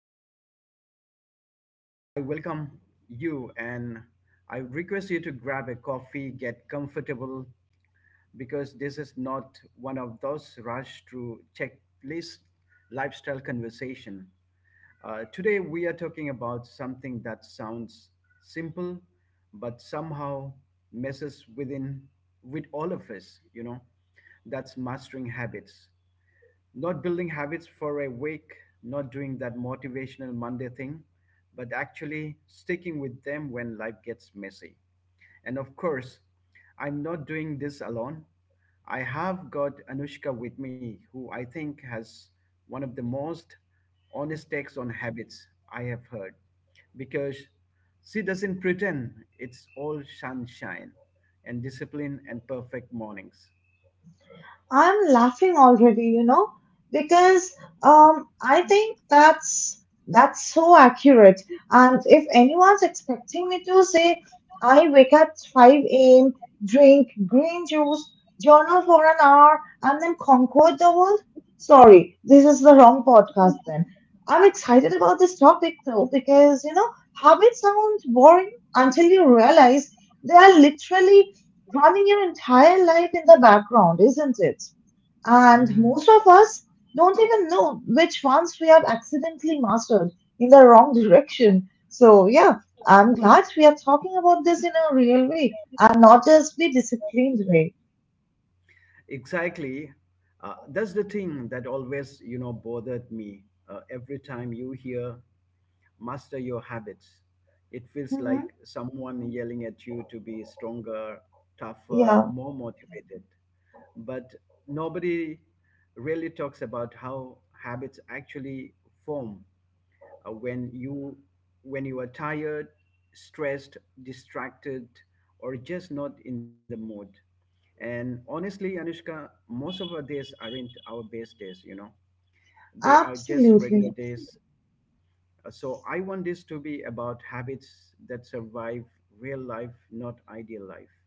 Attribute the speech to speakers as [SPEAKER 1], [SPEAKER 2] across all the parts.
[SPEAKER 1] time here, I welcome you and I request you to grab a coffee, get comfortable, because this is not one of those rush to checklist lifestyle conversation. Today, we are talking about something that sounds simple, but somehow messes with all of us, that's mastering habits. Not building habits for a week, not doing that motivational Monday thing, but actually sticking with them when life gets messy. And of course, I'm not doing this alone. I have got Anushka with me, who I think has one of the most honest takes on habits I have heard, because she doesn't pretend it's all sunshine and discipline and perfect mornings.
[SPEAKER 2] I'm laughing already, you know, because I think that's so accurate. And if anyone's expecting me to say I wake up 5 a.m., drink green juice, journal for an hour, and then conquer the world, sorry, this is the wrong podcast then. I'm excited about this topic though, because you know, habits sound boring until you realize they are literally running your entire life in the background, isn't it? And
[SPEAKER 1] Mhm.
[SPEAKER 2] most of us don't even know which ones we have accidentally mastered in the wrong direction. So, yeah, I'm glad we are talking about this in a real way and not just the disciplined way.
[SPEAKER 1] Exactly. That's the thing that always, you know, bothered me. Every time you hear master your habits, it feels like
[SPEAKER 2] Mhm.
[SPEAKER 1] someone yelling at you to be stronger, tougher,
[SPEAKER 2] Yeah,
[SPEAKER 1] more motivated. But nobody really talks about how habits actually form uh, when you when you are tired, stressed, distracted, or just not in the mood. And honestly, Anushka, most of our days aren't our best days, you know, they are just regular
[SPEAKER 2] absolutely.
[SPEAKER 1] days. So I want this to be about habits that survive real life, not ideal life.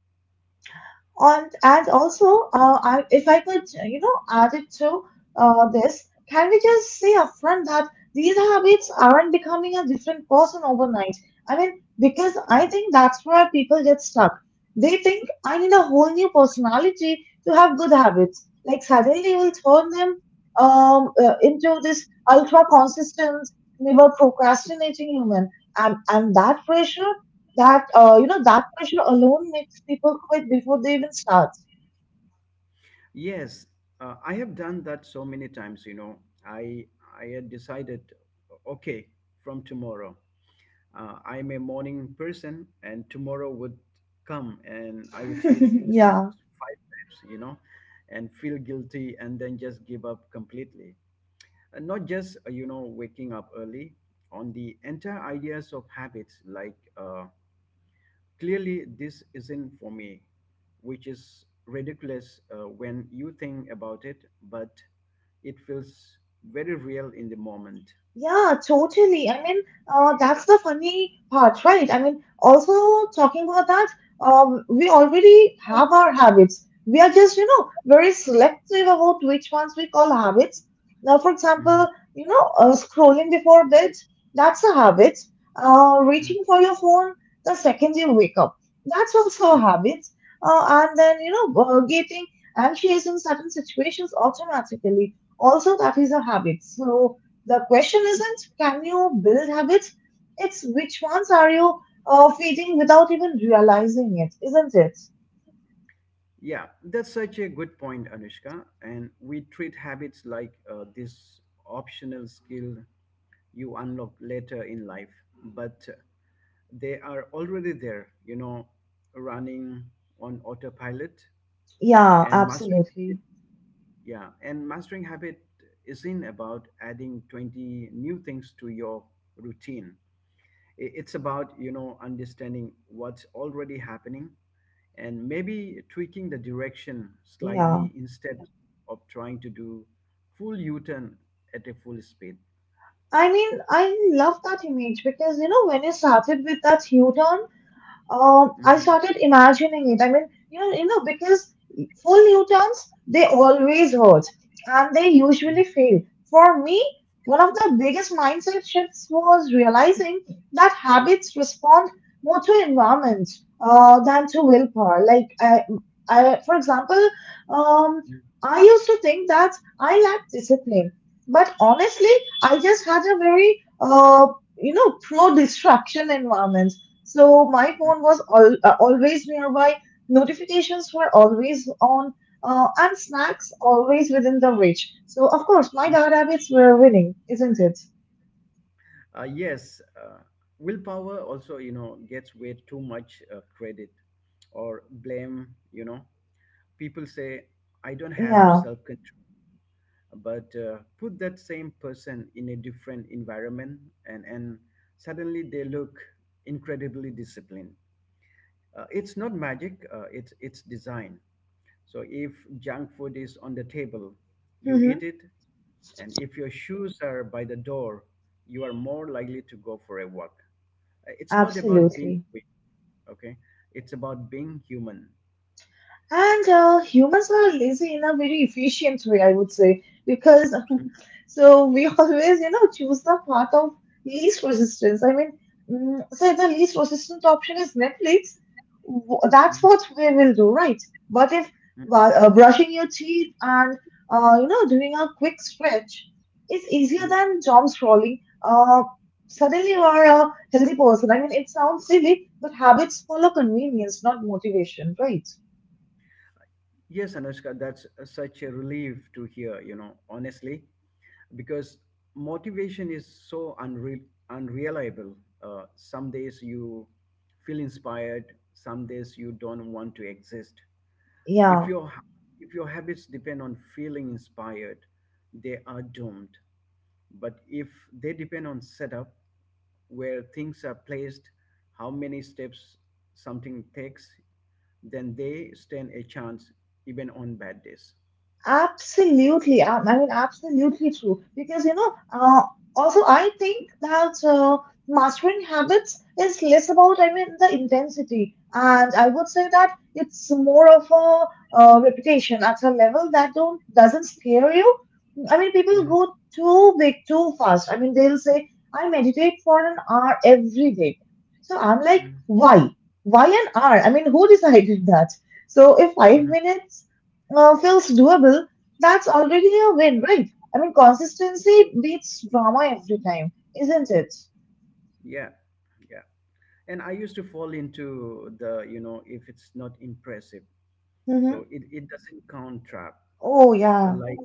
[SPEAKER 2] And also, I, if I could, you know, add it to this, can we just say upfront that these habits aren't becoming a different person overnight? I mean, because I think that's where people get stuck. They think I need a whole new personality to have good habits. Like suddenly we'll turn them into this ultra consistent, never procrastinating human, and that pressure that you know that pressure alone makes people quit before they even start
[SPEAKER 1] Yes, I have done that so many times, you know. I I had decided, okay, from tomorrow. I'm a morning person, and tomorrow would come, and I would hit
[SPEAKER 2] yeah.
[SPEAKER 1] five times, you know, and feel guilty, and then just give up completely. And not just you know, waking up early. On the entire ideas of habits, like clearly this isn't for me, which is ridiculous when you think about it, but it feels very real in the moment.
[SPEAKER 2] Yeah, totally. I mean, that's the funny part, right? I mean, also talking about that, we already have our habits. We are just, you know, very selective about which ones we call habits. Now, for
[SPEAKER 1] Mhm.
[SPEAKER 2] example, you know, scrolling before bed, that's a habit.
[SPEAKER 1] Mhm.
[SPEAKER 2] Reaching for your phone the second you wake up, that's also a habit. And then, you know, getting anxious in certain situations automatically, also that is a habit. So, the question isn't can you build habits, it's which ones are you feeding without even realizing it, isn't it?
[SPEAKER 1] Yeah, that's such a good point, Anushka. And we treat habits like this optional skill you unlock later in life, but they are already there, you know, running on autopilot
[SPEAKER 2] Yeah,
[SPEAKER 1] and mastering.
[SPEAKER 2] absolutely.
[SPEAKER 1] Yeah, and mastering habit isn't about adding 20 new things to your routine. It's about, you know, understanding what's already happening and maybe tweaking the direction
[SPEAKER 2] Yeah.
[SPEAKER 1] slightly instead of trying to do full U-turn at a full speed.
[SPEAKER 2] I mean, I love that image because you know, when you started with that U turn, I
[SPEAKER 1] Mhm.
[SPEAKER 2] started imagining it. I mean, you know, because full Newtons, they always hurt and they usually
[SPEAKER 1] Mhm.
[SPEAKER 2] fail. For me, one of the biggest mindset shifts was realizing that habits respond more to environment than to willpower. Like, I, for example, um,
[SPEAKER 1] Mhm.
[SPEAKER 2] I used to think that I lacked discipline, but honestly, I just had a very, you know, pro-distraction environment so my
[SPEAKER 1] Mhm.
[SPEAKER 2] phone was always nearby, notifications were always on, and snacks always within the reach. So, of course, my
[SPEAKER 1] Mhm.
[SPEAKER 2] bad habits were winning, isn't it?
[SPEAKER 1] Yes, willpower also, you know, gets way too much credit or blame. You know, people say I don't have
[SPEAKER 2] Yeah,
[SPEAKER 1] self-control, but put that same person in a different environment and suddenly they look incredibly disciplined. It's not magic, it's design. So if junk food is on the table, you
[SPEAKER 2] hmm
[SPEAKER 1] eat it, and if your shoes are by the door, you are more likely to go for a walk. It's not about being
[SPEAKER 2] absolutely.
[SPEAKER 1] fit, okay, it's about being human.
[SPEAKER 2] And humans are lazy in a very efficient way, I would say, because so we always, you know, choose the path of least resistance. I mean, so the least resistant option is Netflix. That's
[SPEAKER 1] Mhm.
[SPEAKER 2] what we will do, right? But if
[SPEAKER 1] Mhm.
[SPEAKER 2] brushing your teeth and you know doing a quick stretch is easier
[SPEAKER 1] Mhm.
[SPEAKER 2] than doom scrolling, suddenly you are a healthy person. I mean, it sounds silly, but habits follow convenience, not motivation, right?
[SPEAKER 1] Yes, Anushka, that's such a relief to hear, you know, honestly. Because motivation is so unreliable. Some days you feel inspired, some days you don't want to exist.
[SPEAKER 2] Yeah.
[SPEAKER 1] If your ha- if your habits depend on feeling inspired, they are doomed. But if they depend on setup, where things are placed, how many steps something takes, then they stand a chance even on bad days.
[SPEAKER 2] Absolutely. I mean, absolutely true. Because, you know, also I think that mastering habits is less about, I mean, the intensity. And I would say that it's more of a reputation at a level that don't doesn't scare you. I mean, people
[SPEAKER 1] Hmm.
[SPEAKER 2] go too big, too fast. I mean, they'll say, I meditate for an hour every day. So I'm like,
[SPEAKER 1] Hmm.
[SPEAKER 2] why? Why an hour? I mean, who decided that? So if 5 minutes feels doable, that's already a win, right? I mean, consistency beats drama every time, isn't it?
[SPEAKER 1] Yeah, yeah. And I used to fall into the, you know, if it's not impressive
[SPEAKER 2] Mm-hmm.
[SPEAKER 1] so it doesn't count trap.
[SPEAKER 2] Oh,
[SPEAKER 1] uh,
[SPEAKER 2] yeah.
[SPEAKER 1] like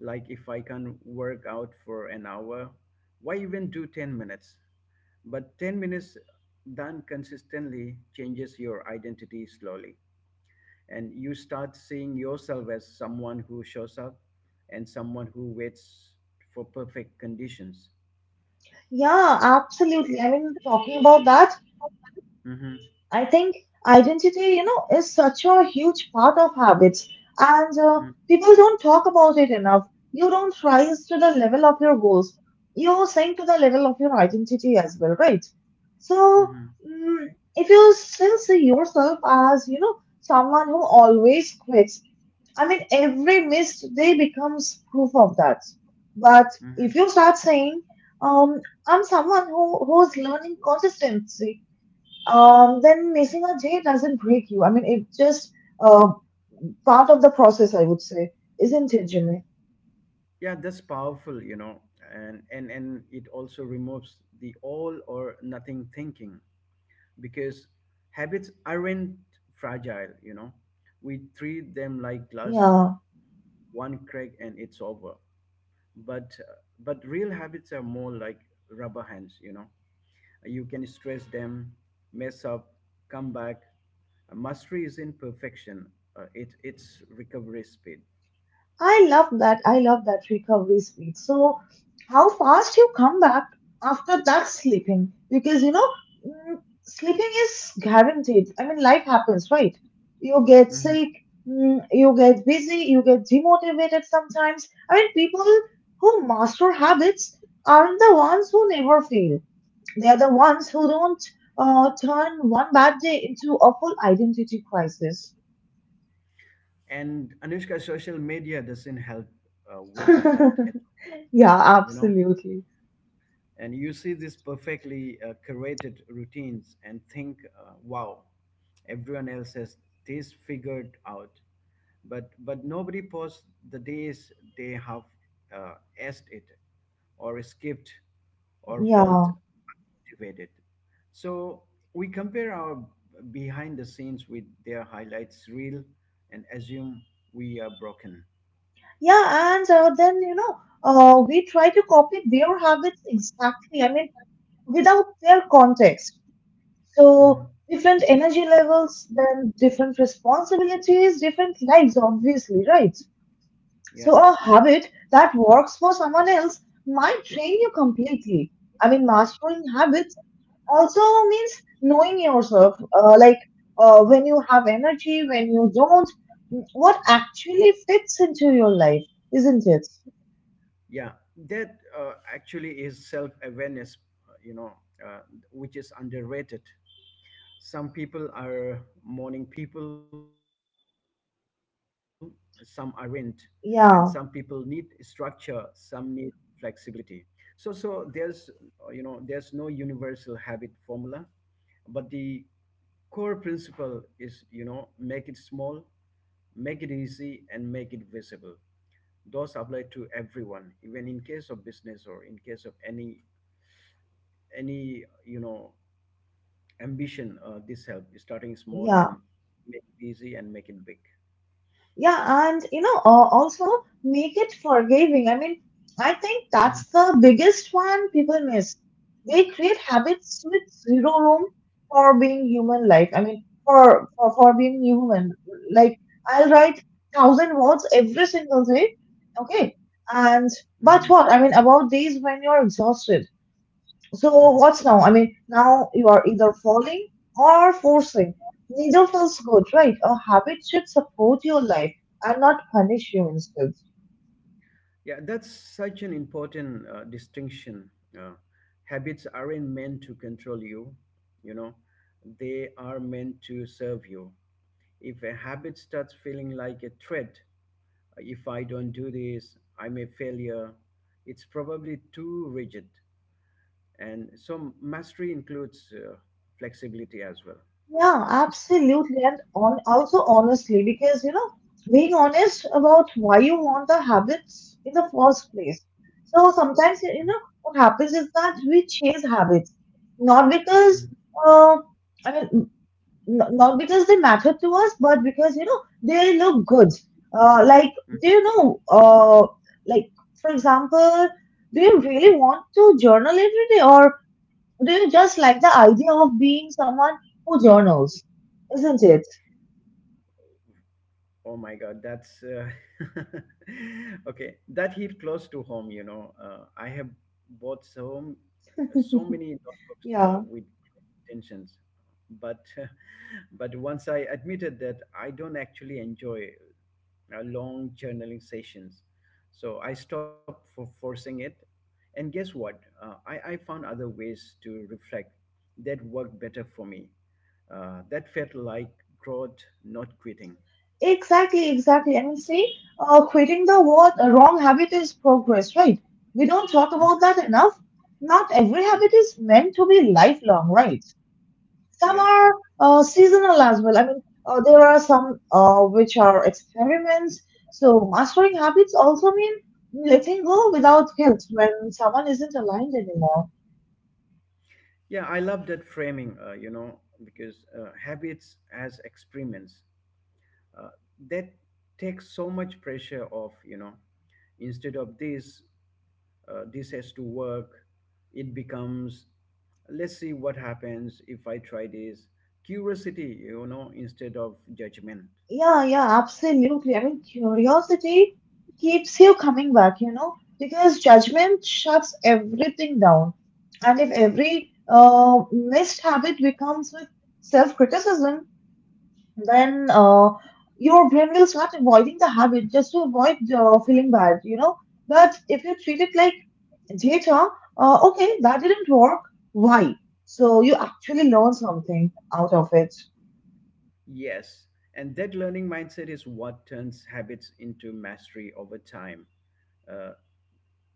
[SPEAKER 1] like if I can work out for an hour, why even do 10 minutes? But 10 minutes done consistently changes your identity slowly, and you start seeing yourself as someone who shows up and someone who waits for perfect conditions.
[SPEAKER 2] Yeah, absolutely. I mean, talking about that,
[SPEAKER 1] Mm-hmm.
[SPEAKER 2] I think identity, you know, is such a huge part of habits, and
[SPEAKER 1] Mm-hmm.
[SPEAKER 2] people don't talk about it enough. You don't rise to the level of your goals, you sink to the level of your identity as well, right? So,
[SPEAKER 1] Mm-hmm.
[SPEAKER 2] mm, if you still see yourself as, you know, someone who always quits, I mean, every missed day becomes proof of that. But if
[SPEAKER 1] Mm-hmm.
[SPEAKER 2] you start saying, I'm someone who's learning consistency, then missing a day doesn't break you. I mean, it's just uh, part of the process, I would say, isn't it, Jimmy?
[SPEAKER 1] Yeah, that's powerful, you know. And it also removes the all or nothing thinking, because habits aren't fragile, you know, we treat them like glass,
[SPEAKER 2] Yeah,
[SPEAKER 1] one crack and it's over. But uh, but real habits are more like rubber hands, you know, you can stress them, mess up, come back. Mastery is in perfection, it's recovery speed.
[SPEAKER 2] I love that. I love that recovery speed. So, how fast you come back after that sleeping? Because you know, mm, sleeping is guaranteed. I mean, life happens, right? You get
[SPEAKER 1] Mm-hmm.
[SPEAKER 2] sick, you get busy, you get demotivated sometimes. I mean, people who master habits aren't the ones who never fail. They are the ones who don't turn one bad day into a full identity crisis.
[SPEAKER 1] And Anushka, social media doesn't help with that at,
[SPEAKER 2] Yeah,
[SPEAKER 1] you know.
[SPEAKER 2] absolutely.
[SPEAKER 1] And you see this perfectly curated routines and think, wow, everyone else has this figured out. But nobody posts the days they have uh, asked it or skipped or felt
[SPEAKER 2] Yeah,
[SPEAKER 1] motivated. So we compare our behind the scenes with their highlights reel and assume we are broken.
[SPEAKER 2] yeah, and then you know, we try to copy their habits exactly. I mean, without their context. So
[SPEAKER 1] Hmm.
[SPEAKER 2] different energy levels, then different responsibilities, different lives, obviously, right?
[SPEAKER 1] Yeah,
[SPEAKER 2] So a habit that works for someone else might train you completely. I mean, mastering habits also means knowing yourself like when you have energy when you don't, what actually fits into your life, isn't it?
[SPEAKER 1] yeah. That actually is self awareness, uh, you know, uh, which is underrated. Some people are morning people, some aren't. And some people need structure,
[SPEAKER 2] Yeah,
[SPEAKER 1] some need flexibility. So there's, there's no universal habit formula, but the core principle is, you know, make it small, make it easy, and make it visible. Those apply to everyone, even in case of business or in case of any you know ambition. This help starting small
[SPEAKER 2] yeah.
[SPEAKER 1] and make it easy and make it big.
[SPEAKER 2] Yeah, and you know, also make it forgiving. I mean, I think
[SPEAKER 1] Mhm.
[SPEAKER 2] that's the biggest one people miss. They create habits with zero room for being human life. I mean, for being human. Like I'll write thousand words every single day. Okay. And but
[SPEAKER 1] Mhm.
[SPEAKER 2] what? I mean, about days when you're exhausted. So
[SPEAKER 1] Mhm.
[SPEAKER 2] what's now? I mean, now you are either falling or forcing. Neither feels good, right? A habit should support your life and not punish you instead.
[SPEAKER 1] Yeah, that's such an important distinction. Uh, habits aren't meant to control you, you know, they are meant to serve you. If a habit starts feeling like a threat, if I don't do this, I'm a failure, it's probably too rigid. And so, mastery includes flexibility as well.
[SPEAKER 2] Yeah, absolutely. And on also honestly, because you know, being honest about why you want the habits in the first place. So sometimes
[SPEAKER 1] Mhm.
[SPEAKER 2] you know what happens is that we chase habits, not because
[SPEAKER 1] Mhm.
[SPEAKER 2] uh, I mean not because they matter to us, but because you know they look good. Like do you know? Like for example, do you really want to journal every day, or do you just like the idea of being someone who journals? Isn't it?
[SPEAKER 1] Oh my God, that's okay. That hit close to home, you know. I have bought so many notebooks
[SPEAKER 2] Yeah,
[SPEAKER 1] with great intentions, but but once I admitted that I don't actually enjoy long journaling sessions, so I stopped for forcing it. And guess what? I found other ways to reflect that worked better for me. That felt like growth, not quitting.
[SPEAKER 2] exactly, exactly. I mean, see, quitting the word a wrong habit is progress, right? We don't talk
[SPEAKER 1] Hmm?
[SPEAKER 2] about that enough. Not every habit
[SPEAKER 1] Mhm.
[SPEAKER 2] is meant to be lifelong, right? Some
[SPEAKER 1] Yeah.
[SPEAKER 2] are seasonal as well. I mean, there are some which are experiments. So mastering habits also mean letting go without guilt when someone isn't aligned anymore.
[SPEAKER 1] Yeah, I love that framing, because habits as experiments, uh, that takes so much pressure off, you know. Instead of this, this has to work, it becomes, let's see what happens if I try this. Curiosity, you know, instead of judgment.
[SPEAKER 2] Yeah, yeah, absolutely. I mean, curiosity keeps you coming back, you know, because judgment shuts everything down. And if every missed habit becomes with self criticism, then your brain will start avoiding the habit just to avoid feeling bad, you know. But if you treat it like data, okay, that didn't work. Why? So you actually learn something out of it.
[SPEAKER 1] Yes. And that learning mindset is what turns habits into mastery over time. Uh,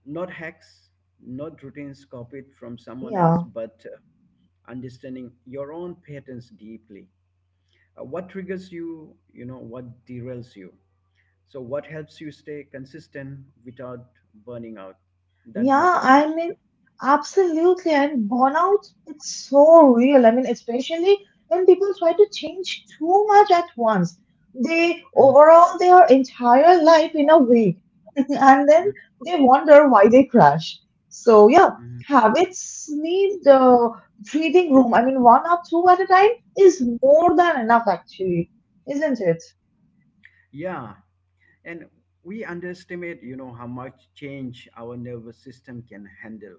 [SPEAKER 1] not hacks, not routines copied from someone else,
[SPEAKER 2] Yeah.
[SPEAKER 1] but understanding your own patterns deeply. What triggers you, you know, what derails you. So, what helps you stay consistent without burning out? That
[SPEAKER 2] Yeah,
[SPEAKER 1] matters
[SPEAKER 2] I
[SPEAKER 1] most.
[SPEAKER 2] mean, absolutely. And burnout, it's so real. I mean, especially when people try to change too much at once. They
[SPEAKER 1] Mhm.
[SPEAKER 2] overhaul their entire life in a week, and then
[SPEAKER 1] Mhm.
[SPEAKER 2] they wonder why they crash. So, yeah,
[SPEAKER 1] Mhm.
[SPEAKER 2] habits need the breathing room. I mean, one or two at a time is more than enough, actually, isn't it?
[SPEAKER 1] Yeah, and we underestimate, you know, how much change our nervous system can handle.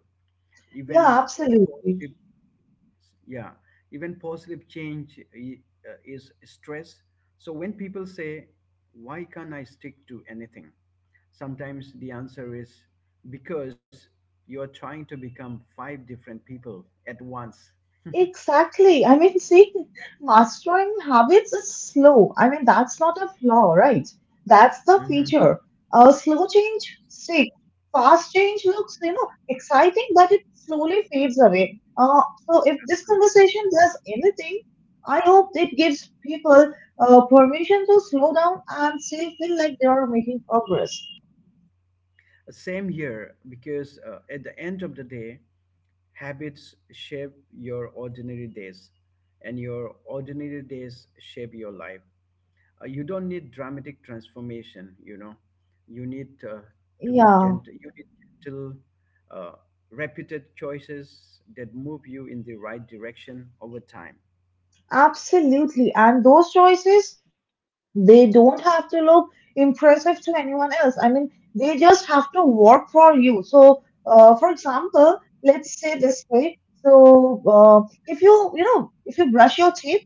[SPEAKER 2] Yeah,
[SPEAKER 1] Even a
[SPEAKER 2] absolutely.
[SPEAKER 1] positive Yeah, even positive is stress. So when people say why can't I stick to anything, sometimes the answer is because you are trying to become five different people at once.
[SPEAKER 2] Exactly. I mean, see, mastering habits is slow. I mean, that's not a flaw, right? That's the
[SPEAKER 1] Mhm.
[SPEAKER 2] feature. Slow change sticks. Fast change looks, you know, exciting, but it slowly fades away. So if this
[SPEAKER 1] Look,
[SPEAKER 2] conversation does anything, I hope it gives people permission to slow down and still feel like they are making progress.
[SPEAKER 1] same here, because at the end of the day, habits shape your ordinary days, and your ordinary days shape your life. You don't need dramatic transformation, you know, you need to be
[SPEAKER 2] Yeah,
[SPEAKER 1] gentle you need gentle uh, repeated choices that move you in the right direction over time.
[SPEAKER 2] absolutely. And those choices they don't have to look impressive to anyone else. I mean, they just have to work for you. So, for example, let's say this way. So, if you, you know, if you brush your teeth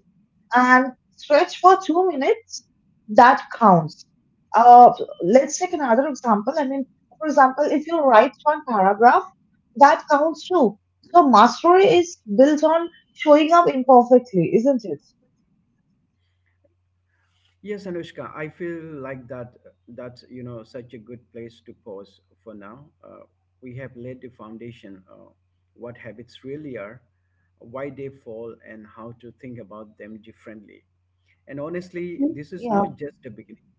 [SPEAKER 2] and stretch for 2 minutes, that counts. Uh, let's take another example. I mean, for example, if you write one paragraph, that counts too. So, mastery is built on showing up imperfectly, isn't it?
[SPEAKER 1] Yes, Anushka, I feel like that's you know such a good place to pause for now. We have laid the foundation, what habits really are, why they fall, and how to think about them differently. And honestly, this is
[SPEAKER 2] Yeah.
[SPEAKER 1] not just the beginning.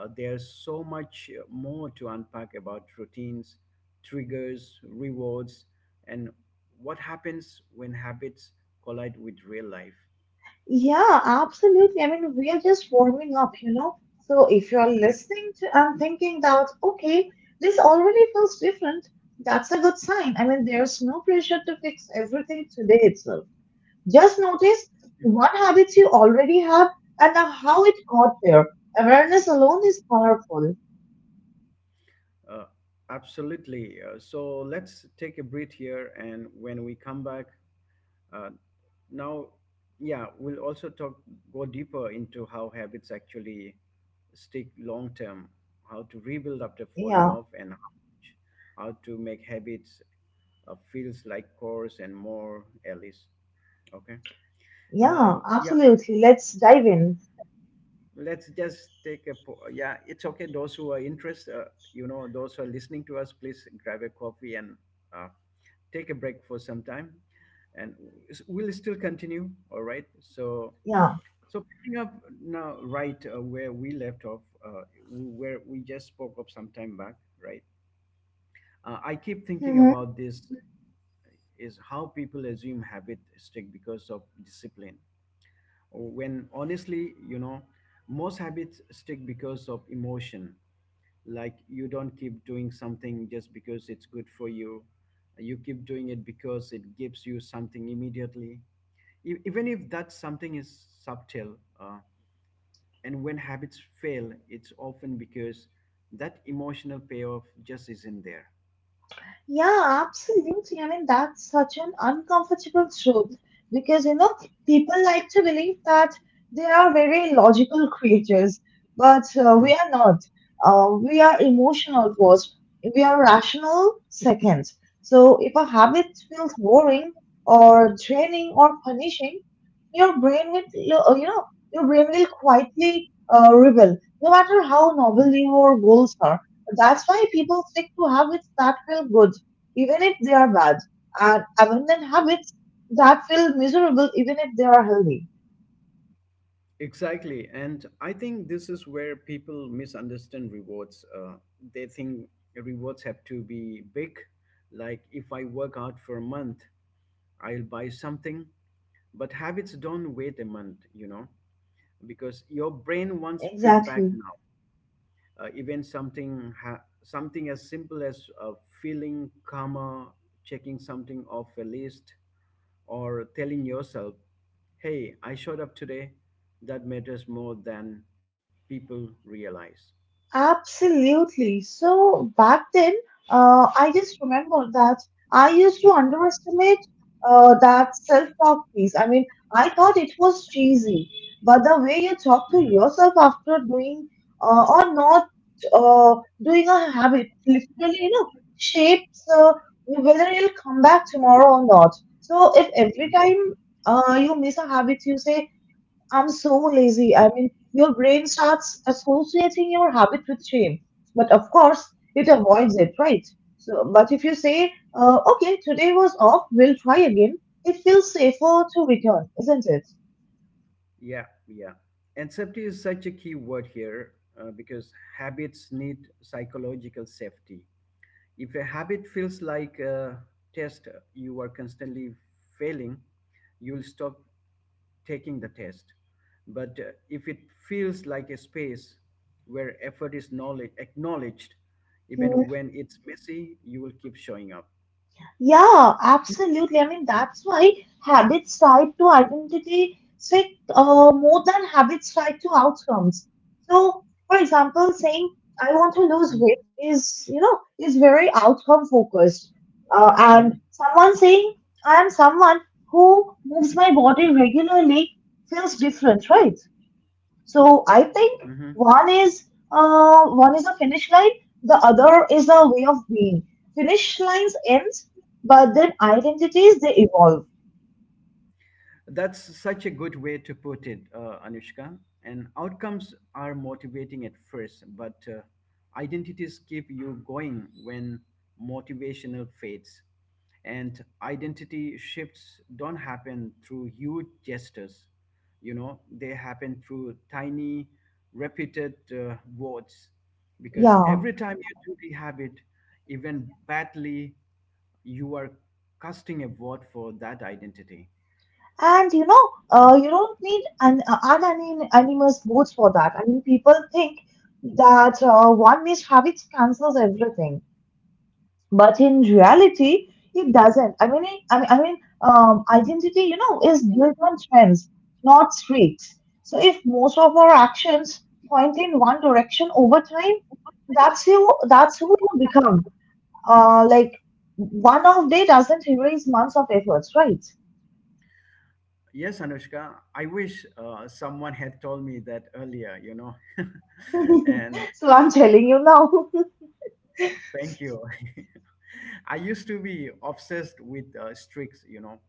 [SPEAKER 1] There's so much more to unpack about routines, triggers, rewards, and what happens when habits collide with real life.
[SPEAKER 2] Yeah, absolutely. I mean, we are just warming up, you know. So if you're
[SPEAKER 1] Yeah.
[SPEAKER 2] listening to and thinking that, okay, this already feels different, that's a good sign. I mean, there's no pressure to fix everything today itself. Just notice what habits you already have and how it got there. Awareness alone is powerful.
[SPEAKER 1] Uh, absolutely. So let's take a breath here, and when we come back, Uh, now, yeah, we'll also talk go deeper into how habits actually stick long term, how to rebuild after falling
[SPEAKER 2] Yeah,
[SPEAKER 1] off, and how to make habits feels like course and more, Alice. Okay.
[SPEAKER 2] yeah,
[SPEAKER 1] Now, yeah,
[SPEAKER 2] absolutely. Let's dive in.
[SPEAKER 1] let's just yeah. It's okay. Those who are interested, those who are listening to us, please grab a coffee and uh, take a break for some time, and we'll still continue. All right. So
[SPEAKER 2] Yeah.
[SPEAKER 1] So picking up now, right, where we left off, where we just spoke of some time back, right? I keep thinking
[SPEAKER 2] Mhm.
[SPEAKER 1] about this is how people assume habit stick because of discipline, or when honestly, you know, most habits stick because of emotion. Like you don't keep doing something just because it's good for you. You keep doing it because it gives you something immediately, even if that something is subtle. And when habits fail, it's often because that emotional payoff just isn't there.
[SPEAKER 2] Yeah, absolutely. I mean, that's such an uncomfortable truth because, you know, people like to believe that they are very logical creatures, but we
[SPEAKER 1] Mhm.
[SPEAKER 2] are not. We are emotional first, we are rational second. So, if a habit feels boring or draining or punishing, your brain will, uh, you know, your brain will quietly rebel, no matter how novel your goals are. That's why people stick to habits that feel good, even if they are bad, and abandon habits that feel miserable, even if they are healthy.
[SPEAKER 1] Exactly. And I think this is where people misunderstand rewards. They think rewards have to be big. Like if I work out for a month, I'll buy something. But habits don't wait a month, you know, because your brain wants feedback
[SPEAKER 2] Exactly.
[SPEAKER 1] now. Something as simple as feeling calmer, checking something off a list, or telling yourself, "Hey, I showed up today," that matters more than people realize.
[SPEAKER 2] Absolutely. So back then, I just remember that I used to underestimate that self-talk piece. I mean, I thought it was cheesy, but the way you
[SPEAKER 1] Mhm.
[SPEAKER 2] talk to yourself after doing or not uh, doing a habit, literally, you know, shapes whether you'll come back tomorrow or not. So if every
[SPEAKER 1] Mhm.
[SPEAKER 2] time you miss a habit, you say, I'm so lazy. I mean, your brain starts associating your habit with shame, but of course, it avoids it, right? So, but if you say, okay, today was off, we'll try again, it feels safer to return, isn't it?
[SPEAKER 1] Yeah, yeah. And safety is such a key word here, because habits need psychological safety. If a habit feels like a test you are constantly failing, you'll stop taking the test. But if it feels like a space where effort is knowledge, acknowledged, even when it's messy, you will keep showing up.
[SPEAKER 2] Yeah, absolutely. I mean, that's why habits tied to identity stick more than habits tied to outcomes. So, for example, saying I want to lose weight is, you know, is very outcome focused. And someone saying I am someone who moves my body regularly feels different, right? So
[SPEAKER 1] Mm-hmm.
[SPEAKER 2] I think one is one is a finish line, the other is a way of being. Finish lines end, but then identities they evolve.
[SPEAKER 1] That's such a good way to put it, Anushka. And outcomes are motivating at first, but identities keep you going when motivational fades. And identity shifts don't happen through huge gestures, you know, they happen through tiny, repeated words. Because
[SPEAKER 2] Yeah,
[SPEAKER 1] every time you do the habit, even badly, you are casting a vote for that identity.
[SPEAKER 2] and you know, you don't need an animus both for that. I mean, people think that one miscarriage cancels everything, but in reality it doesn't. I mean identity, you know, is built on trends not streaks. So if most of our actions point in one direction over time, that's who you become, like one off day doesn't erase months of efforts, right?
[SPEAKER 1] Yes, Anushka, I wish someone had told me that earlier, you know. And
[SPEAKER 2] So I'm telling you now.
[SPEAKER 1] thank you. I used to be obsessed with streaks, you know.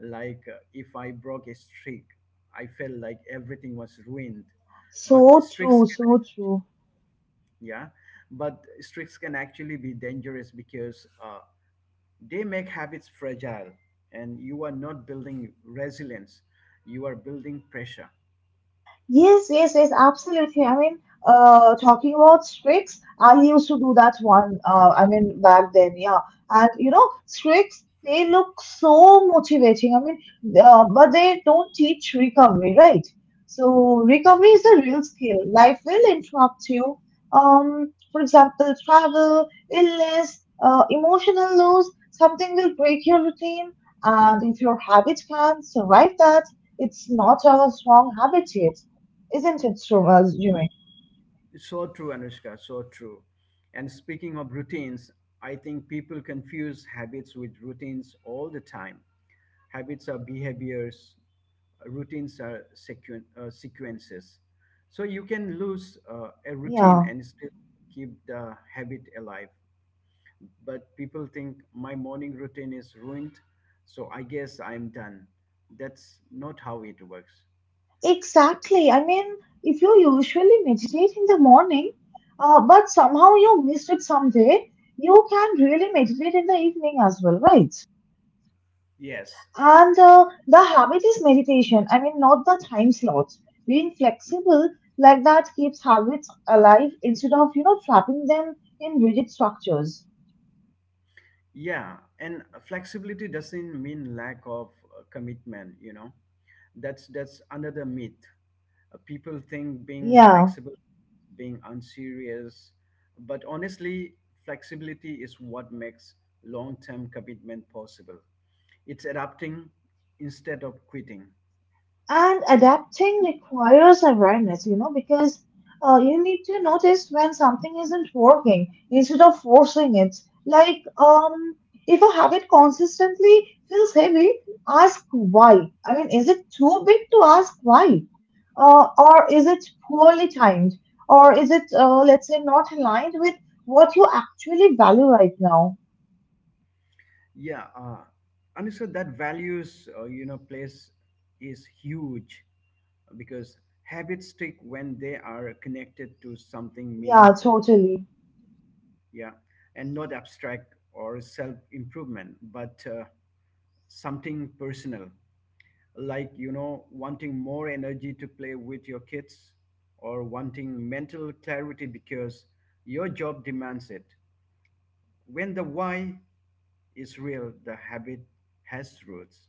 [SPEAKER 1] Like if I broke a streak, I felt like everything was ruined. But
[SPEAKER 2] So
[SPEAKER 1] streaks,
[SPEAKER 2] true, so true.
[SPEAKER 1] yeah, but streaks can actually be dangerous because they make habits fragile, and you are not building resilience, you are building pressure.
[SPEAKER 2] Yes, yes, yes, absolutely. I mean, talking about tricks, I used to do that one. I mean, back then, yeah. And you know, tricks, they look so motivating. I mean, but they don't teach recovery, right? So recovery is a real skill. Life will interrupt you. For example, travel, illness, emotional loss, something will break your routine. And if your habit can survive that, it's not a strong habit yet, isn't it true, Jimmy?
[SPEAKER 1] So true, Anushka. So true. And speaking of routines, I think people confuse habits with routines all the time. Habits are behaviors, routines are sequences. So you can lose a routine
[SPEAKER 2] Yeah,
[SPEAKER 1] and still keep the habit alive. But people think my morning routine is ruined, so I guess I'm done. That's not how it works.
[SPEAKER 2] exactly. I mean, if you usually meditate in the morning, but somehow you missed it someday, you can really meditate in the evening as well, right?
[SPEAKER 1] Yes,
[SPEAKER 2] And the habit is meditation. I mean, not the time slot. Being flexible like that keeps habits alive instead of, you know, trapping them in rigid structures.
[SPEAKER 1] yeah, and flexibility doesn't mean lack of commitment, you know. That's another myth. People think being
[SPEAKER 2] Yeah.
[SPEAKER 1] flexible, being unserious, but honestly, flexibility is what makes long-term commitment possible. It's adapting instead of quitting.
[SPEAKER 2] And adapting requires awareness, you know, because you need to notice when something isn't working instead of forcing it. Like, if a habit consistently feels heavy, ask why. I mean, is it too big to ask why? Or is it poorly timed? Or is it, let's say, not aligned with what you actually value right now?
[SPEAKER 1] Yeah, and so that values, you know, place is huge because habits stick when they are connected to something
[SPEAKER 2] Yeah,
[SPEAKER 1] meaningful.
[SPEAKER 2] totally.
[SPEAKER 1] Yeah, and not abstract or self improvement, but something personal, like, you know, wanting more energy to play with your kids or wanting mental clarity because your job demands it. When the why is real, the habit has roots.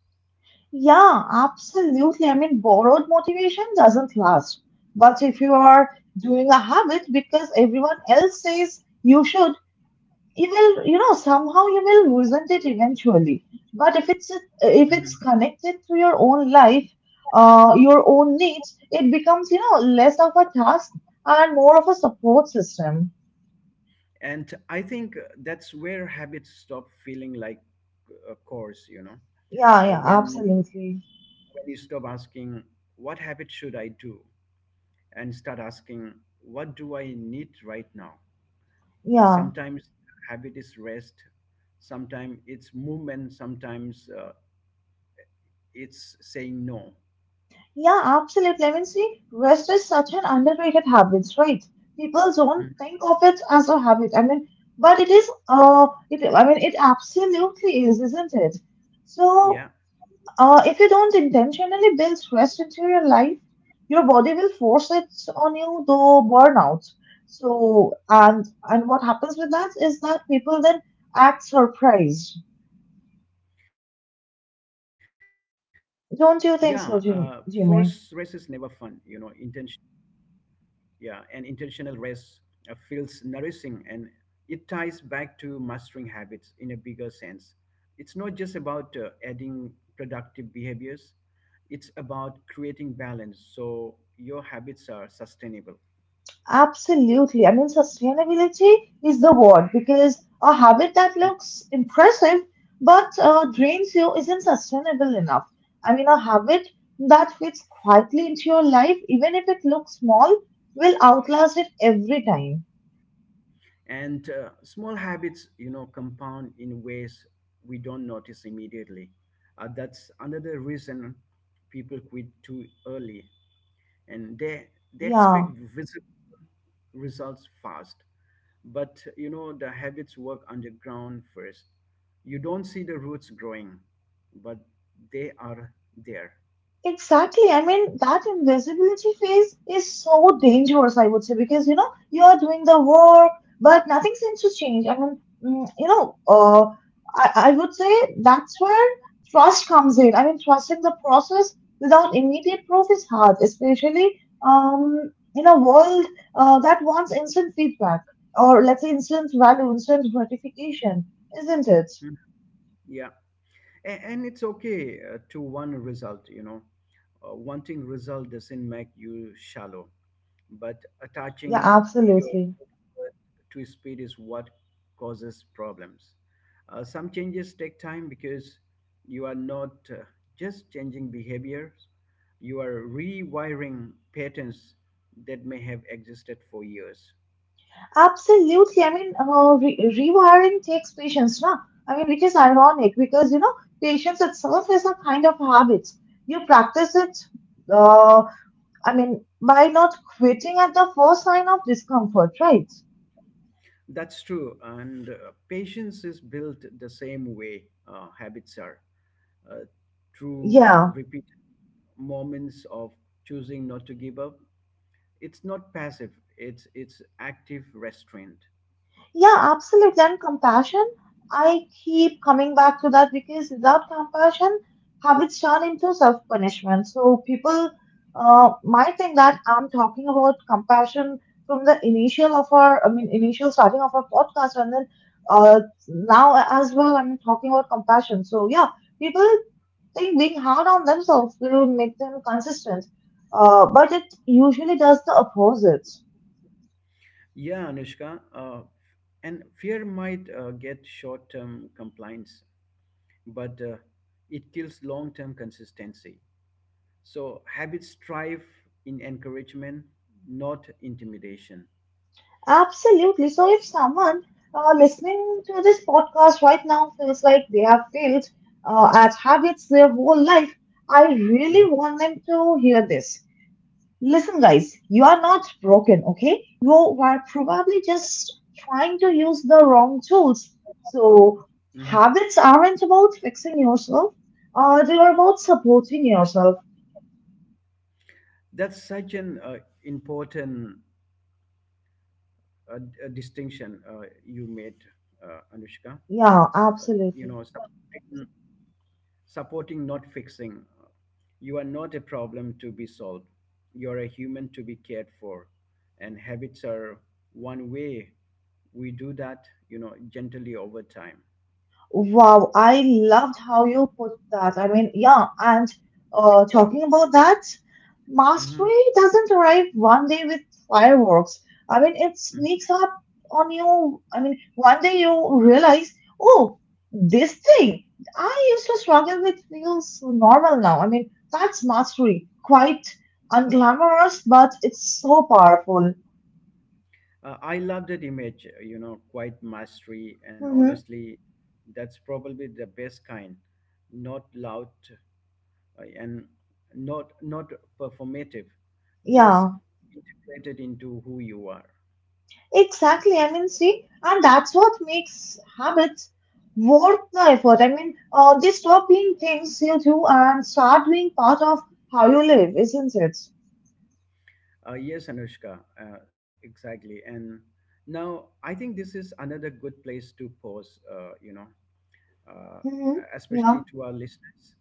[SPEAKER 2] Yeah, absolutely. I mean, borrowed motivation doesn't last. But if you are doing a habit because everyone else says you should, you will, you know, somehow you will resent it eventually. But if it's
[SPEAKER 1] Mhm.
[SPEAKER 2] connected to your own life, your own needs, it becomes, you know, less of a task and more of a support system.
[SPEAKER 1] And I think that's where habits stop feeling like a course, you know.
[SPEAKER 2] Yeah,
[SPEAKER 1] Uh,
[SPEAKER 2] yeah,
[SPEAKER 1] when
[SPEAKER 2] absolutely.
[SPEAKER 1] when you stop asking what habit should I do and start asking what do I need right now.
[SPEAKER 2] Yeah.
[SPEAKER 1] Sometimes habit is rest, sometimes it's movement, sometimes it's saying no.
[SPEAKER 2] Yeah, absolutely. I mean, see, rest is such an underrated habit, right? People don't
[SPEAKER 1] Mhm.
[SPEAKER 2] think of it as a habit. I mean, but it is. It. I mean, it absolutely is, isn't it? So,
[SPEAKER 1] Yeah.
[SPEAKER 2] if you don't intentionally build rest into your life, your body will force it on you, though burnout. So, and what happens with that is that people then act surprised.
[SPEAKER 1] Yeah, force race is never
[SPEAKER 2] Don't you
[SPEAKER 1] fun,
[SPEAKER 2] think
[SPEAKER 1] you
[SPEAKER 2] so,
[SPEAKER 1] know. Intention.
[SPEAKER 2] Jimmy?
[SPEAKER 1] Yeah, an intentional rest feels nourishing, and it ties back to mastering habits in a bigger sense. It's not just about adding productive behaviors, it's about creating balance so your habits are sustainable.
[SPEAKER 2] Absolutely. I mean, sustainability is the word because a habit that
[SPEAKER 1] Mm.
[SPEAKER 2] looks impressive but drains you isn't sustainable enough. I mean, a habit that fits quietly into your life, even if it looks small, will outlast it every time.
[SPEAKER 1] And small habits, you know, compound in ways we don't notice immediately. That's another reason people quit too early, and they expect
[SPEAKER 2] Yeah.
[SPEAKER 1] visible results fast. But you know the habits work underground first. You don't see the roots growing, but they are there.
[SPEAKER 2] Exactly. I mean, that invisibility phase is so dangerous, I would say, because you know, you are doing the work, but nothing seems to change. I mean, you know, I would say that's where trust comes in. I mean, trusting the process without immediate proof is hard, especially in a world that wants instant feedback or let's say instant value, instant gratification, isn't it?
[SPEAKER 1] Mhm. Yeah, and it's okay to want a result, you know. Wanting result doesn't make you shallow, but
[SPEAKER 2] Yeah,
[SPEAKER 1] attaching
[SPEAKER 2] absolutely.
[SPEAKER 1] yourself to speed is what causes problems. Some changes take time because you are not just changing behaviors, you are rewiring patterns that may have existed for years.
[SPEAKER 2] Absolutely. I mean, re rewiring takes patience, na. I mean, which is ironic because, you know, patience itself is a kind of habit. You practice it, uh, I mean, by not quitting at the first sign of discomfort, right?
[SPEAKER 1] That's true, and patience is built the same way habits are, uh, through
[SPEAKER 2] Yeah.
[SPEAKER 1] repeated moments of choosing not to give up. It's not passive. It's active restraint.
[SPEAKER 2] Yeah, absolutely. And compassion, I keep coming back to that because without compassion, habits turn into self-punishment. So people might think that I'm talking about compassion from the initial of our, I mean, initial starting of our podcast, and then uh, now as well, I'm talking about compassion. So yeah, people think being hard on themselves will make them consistent, but it usually does the opposite.
[SPEAKER 1] Yeah, Anushka. And fear might get short-term compliance, but it kills long-term consistency. So habits thrive in encouragement, not intimidation.
[SPEAKER 2] Absolutely. So, if someone listening to this podcast right now feels like they have failed at habits their whole life, I
[SPEAKER 1] Mhm,
[SPEAKER 2] really want them to hear this. Listen, guys, you are not broken, okay? You are probably just trying to use the wrong tools. So,
[SPEAKER 1] mhm.
[SPEAKER 2] habits aren't about fixing yourself, they are about supporting yourself.
[SPEAKER 1] That's such an important distinction you made, Anushka.
[SPEAKER 2] Yeah,
[SPEAKER 1] Uh, you know,
[SPEAKER 2] absolutely.
[SPEAKER 1] something. Supporting, not fixing. You are not a problem to be solved. You're a human to be cared for. And habits are one way we do that, you know, gently over time.
[SPEAKER 2] Wow, I loved how you put that. I mean, yeah, and
[SPEAKER 1] Yeah.
[SPEAKER 2] talking about that,
[SPEAKER 1] Hmm.
[SPEAKER 2] mastery doesn't arrive one day with fireworks. I mean, it sneaks up on you. I mean, one day you realize, oh, this thing I used to struggle with feels normal now. I mean, that's mastery. Quite unglamorous, but it's so powerful.
[SPEAKER 1] I love that image, you know, quite mastery. And
[SPEAKER 2] Mm-hmm.
[SPEAKER 1] honestly, that's probably the best kind. Not loud and not performative, just
[SPEAKER 2] Yeah.
[SPEAKER 1] integrated into who you are.
[SPEAKER 2] Exactly. I mean, see, and that's what makes habits worth the effort. I mean, they stop being things you do and start being part of how you live, isn't it?
[SPEAKER 1] Yes, Anushka, exactly. And now I think this is another good place to pause, you know, uh,
[SPEAKER 2] Hmm.
[SPEAKER 1] especially
[SPEAKER 2] Yeah,
[SPEAKER 1] to our listeners.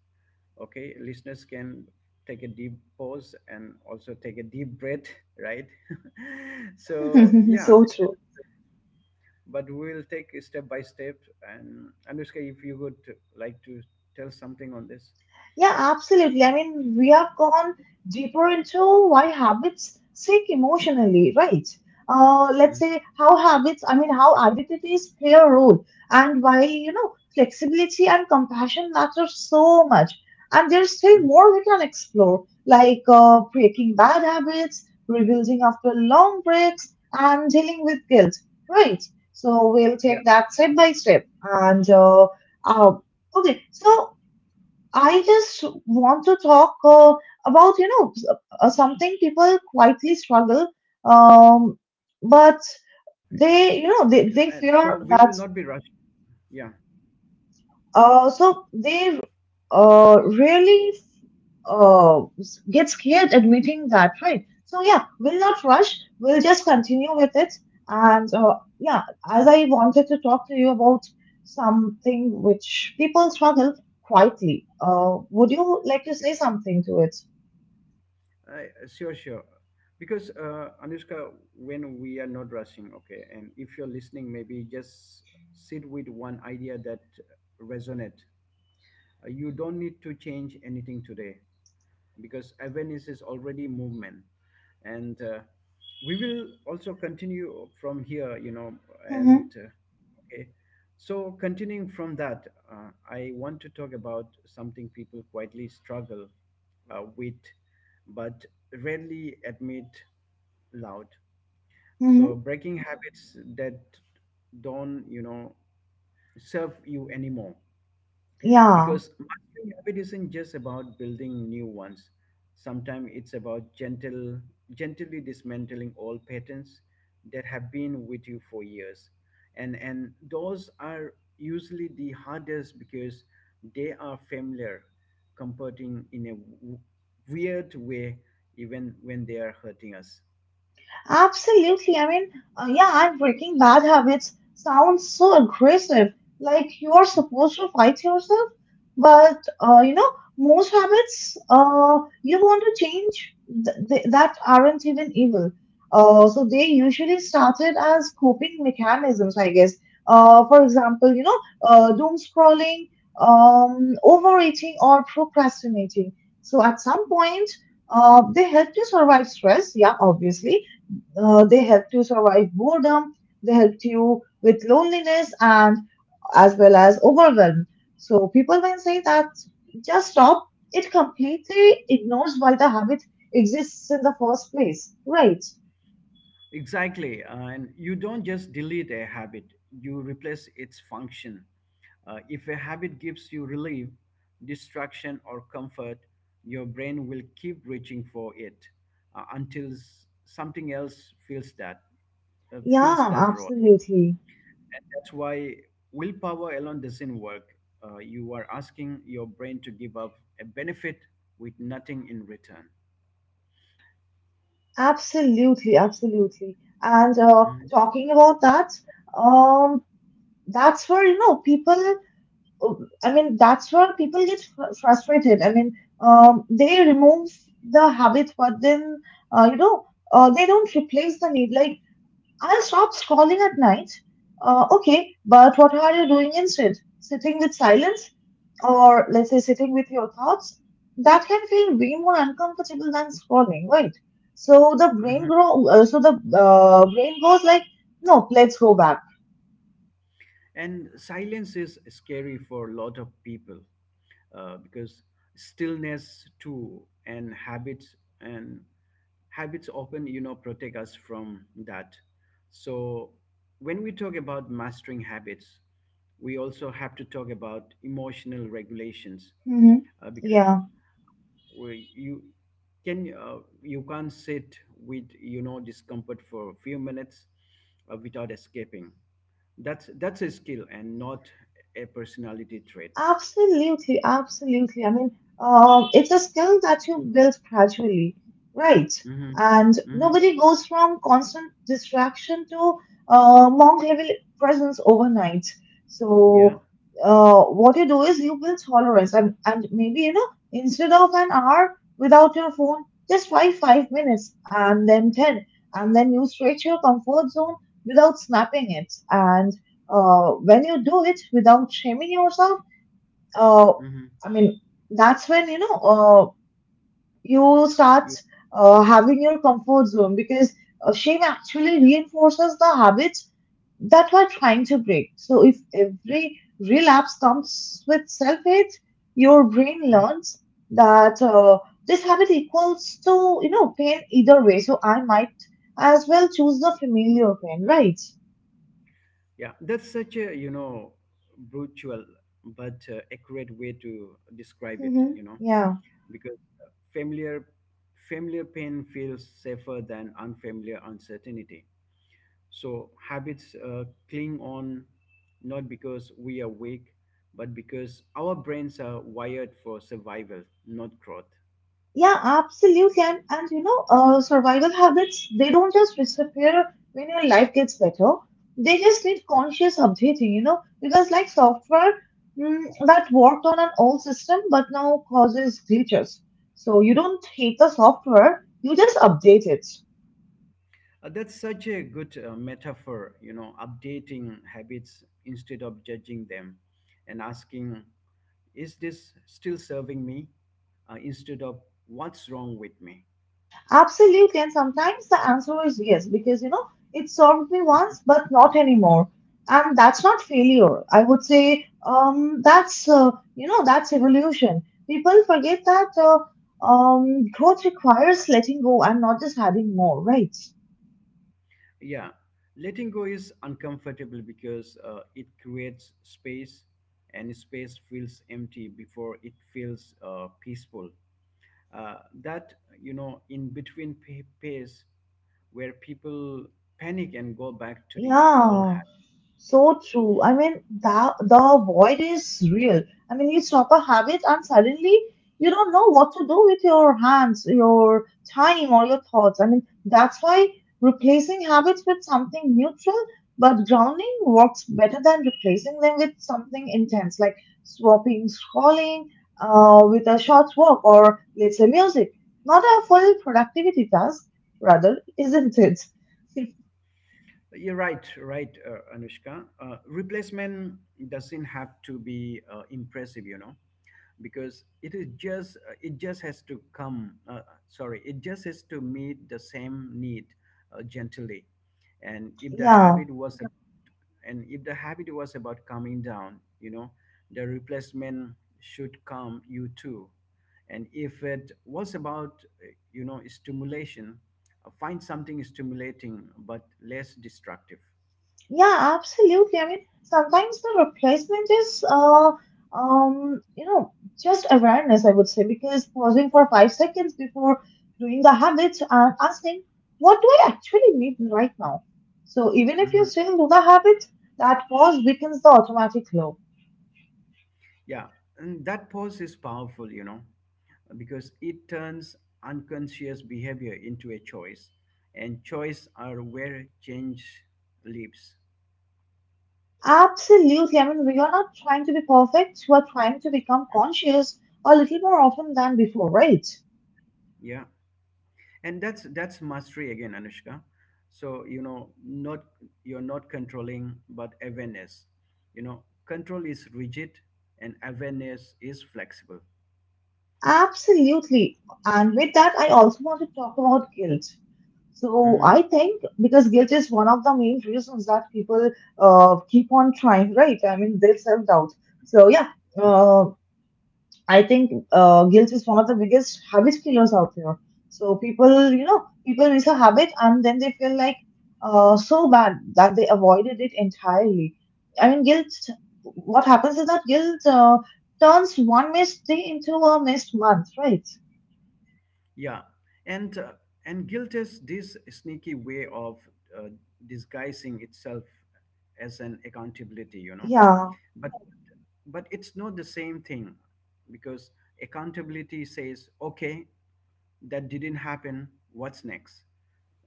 [SPEAKER 1] Okay, listeners can take a deep pause and also take a deep breath, right? So, yeah,
[SPEAKER 2] so true.
[SPEAKER 1] but we'll take it step by step. And Anushka, if you would like to tell something on this.
[SPEAKER 2] Yeah, absolutely. I mean, we have gone deeper into why habits stick emotionally, right? Let's
[SPEAKER 1] Mhm,
[SPEAKER 2] say how habits, I mean, how identities play a role, and why, you know, flexibility and compassion matter so much. And there's still
[SPEAKER 1] mhm.
[SPEAKER 2] more we can explore, like breaking bad habits, rebuilding after long breaks, and dealing with guilt, right? So we'll
[SPEAKER 1] Yeah,
[SPEAKER 2] take that step by step. And uh, okay, so I just want to talk about, you know,
[SPEAKER 1] so no rushing.
[SPEAKER 2] something
[SPEAKER 1] Right?
[SPEAKER 2] people quietly struggle,
[SPEAKER 1] If you,
[SPEAKER 2] um,
[SPEAKER 1] and so we will
[SPEAKER 2] but
[SPEAKER 1] not be rushing.
[SPEAKER 2] they, you
[SPEAKER 1] Yeah.
[SPEAKER 2] know, they fear that, so they really get scared admitting that, right? So, yeah, we'll not rush, we'll just continue with it. And
[SPEAKER 1] Mhm.
[SPEAKER 2] yeah, as I wanted to talk to you about something which people struggle quietly, would you like to say something to it?
[SPEAKER 1] I, sure, sure. Because Anushka, when we are not rushing, okay, and if you're listening, maybe just sit with one idea that resonates. You don't need to change anything today because awareness is already movement. And we will also continue from here, you know. And okay, so continuing from that, I want to talk about something people quietly struggle with but rarely admit loud. So
[SPEAKER 2] 嗯，
[SPEAKER 1] breaking habits that don't, you know, serve you anymore,
[SPEAKER 2] 呀，
[SPEAKER 1] because mastering habit isn't just about building new ones. Sometimes it's about gentle gently dismantling old patterns that have been with you for years. And those are usually the hardest because they are familiar, comforting in a weird way, even when they are hurting us.
[SPEAKER 2] Absolutely. I mean, yeah, and breaking bad habits sounds so aggressive, like you're supposed to fight yourself. But, you know, most habits you want to change that aren't even evil. So they usually started as coping mechanisms, I guess. For example, you know, doom scrolling, overeating, or procrastinating. So at some point, they help you survive stress, yeah, obviously they help you survive boredom, they help you with loneliness and as well as overwhelm. So people can say that just stop, it completely ignores why the habit exists in the first place. Right.
[SPEAKER 1] Exactly. And you don't just delete a habit, you replace its function. If a habit gives you relief, distraction, or comfort, your brain will keep reaching for it until something else fills that uh, fills
[SPEAKER 2] Yeah,
[SPEAKER 1] that role.
[SPEAKER 2] absolutely.
[SPEAKER 1] That's why willpower alone doesn't work. You are asking your brain to give up a benefit with nothing in return.
[SPEAKER 2] Absolutely, absolutely. And
[SPEAKER 1] Mhm.
[SPEAKER 2] talking about that, um, that's where, you know, people I mean, that's where people get frustrated. I mean, they remove the habit, but then, you know, they don't replace the need. Like, I'll stop scrolling at night. Okay, but what are you doing instead? Sitting with silence, or let's say sitting with your thoughts? That can feel way more uncomfortable than scrolling, right? So the brain
[SPEAKER 1] Mhm.
[SPEAKER 2] grow. So the brain goes like, no, let's go back.
[SPEAKER 1] And silence is scary for a lot of people, because stillness too, and and habits often, you know, protect us from that. So when we talk about mastering habits, we also have to talk about emotional regulations,
[SPEAKER 2] Hmm.
[SPEAKER 1] because
[SPEAKER 2] Yeah.
[SPEAKER 1] we, you can you can't sit with, you know, discomfort for a few minutes without escaping. That's a skill and not a personality trait.
[SPEAKER 2] Absolutely, absolutely. I mean, it's a skill that you build gradually, right?
[SPEAKER 1] Mm-hmm.
[SPEAKER 2] And
[SPEAKER 1] Mm-hmm.
[SPEAKER 2] nobody goes from constant distraction to monk level presence overnight.
[SPEAKER 1] Yeah.
[SPEAKER 2] So, what you do is you build tolerance, and maybe, you know, instead of an hour without your phone, just try 5 minutes and then 10, and then you stretch your comfort zone without snapping it. And when you do it without shaming yourself, uh,
[SPEAKER 1] Mm-hmm.
[SPEAKER 2] I mean, that's when you know you start
[SPEAKER 1] You,
[SPEAKER 2] having your comfort zone because shame actually reinforces the habits that we're trying to break. So if
[SPEAKER 1] yeah.
[SPEAKER 2] every relapse comes with self-hate, your brain
[SPEAKER 1] Mhm.
[SPEAKER 2] learns that this habit equals to, you know, pain either way. So I might as well choose the familiar pain, right?
[SPEAKER 1] Yeah, that's such a, you know, brutal but accurate way to describe it.
[SPEAKER 2] Hmm.
[SPEAKER 1] You know,
[SPEAKER 2] Yeah.
[SPEAKER 1] because familiar pain feels safer than unfamiliar uncertainty. So habits cling on not because we are weak, but because our brains are wired for survival, not growth.
[SPEAKER 2] Yeah, absolutely. And you know, survival habits, they don't just disappear when your life gets better. They just need conscious updating, you know, because like software that worked on an old system but now causes glitches. So you don't hate the software, you just update it.
[SPEAKER 1] That's such a good metaphor, you know, updating habits instead of judging them and asking, is this still serving me? Instead of what's wrong with me?
[SPEAKER 2] Absolutely, and sometimes the answer is yes, because you know it served me once,
[SPEAKER 1] Mhm.
[SPEAKER 2] but not anymore, and that's not failure. I would say that's you know that's evolution. People forget that growth requires letting go and not just having more, right?
[SPEAKER 1] Yeah, letting go is uncomfortable because it creates space, and space feels empty before it feels peaceful. Uh, that, you know, in between pace, where people panic and go back to the all.
[SPEAKER 2] Yeah. So true. I mean, the void is real. I mean, you stop a habit and suddenly you don't know what to do with your hands, your time, or your thoughts. I mean, that's why replacing habits with something neutral but grounding works better than replacing them with something intense, like swapping scrolling with a short walk or let's say music. Not a full productivity task, rather, isn't it?
[SPEAKER 1] You're right, right, Anushka. Replacement doesn't have to be impressive, you know, because it just has to come. Sorry, it just has to meet the same need, gently. And if the
[SPEAKER 2] Yeah.
[SPEAKER 1] habit was ab- and if the habit was about coming down, you know, the replacement should come you too. And if it was about you know, stimulation, find something stimulating but less destructive.
[SPEAKER 2] Yeah, absolutely. I mean, sometimes the replacement is, um, you know, just awareness, I would say, because pausing for 5 seconds before doing the habit and asking, what do I actually need right now? So even if you
[SPEAKER 1] Hmm.
[SPEAKER 2] still do the habit, that pause weakens the automatic flow.
[SPEAKER 1] Yeah, and that pause is powerful, you know, because it turns unconscious behavior into a choice, and choice are where change lives.
[SPEAKER 2] Absolutely. I mean, we are not trying to be perfect. We are trying to become conscious a little more often than before, right?
[SPEAKER 1] Yeah, and that's mastery again, Anushka. So you know, not you're not controlling, but awareness. You know, control is rigid, and awareness is flexible.
[SPEAKER 2] Absolutely. And with that, I also want to talk about guilt. So
[SPEAKER 1] Mm-hmm.
[SPEAKER 2] I think because guilt is one of the main reasons that people keep on trying, right? I mean, they self-doubt. So yeah, uh, I think guilt is one of the biggest habit killers out there. So people, you know, people miss a habit and then they feel like so bad that they avoided it entirely. I mean, guilt, what happens is that guilt turns one missed day into a missed month, right?
[SPEAKER 1] Yeah, and uh, and guilt is this sneaky way of uh, disguising itself as an accountability, you know.
[SPEAKER 2] Yeah,
[SPEAKER 1] But but it's not the same thing, because accountability says, okay, that didn't happen. What's next?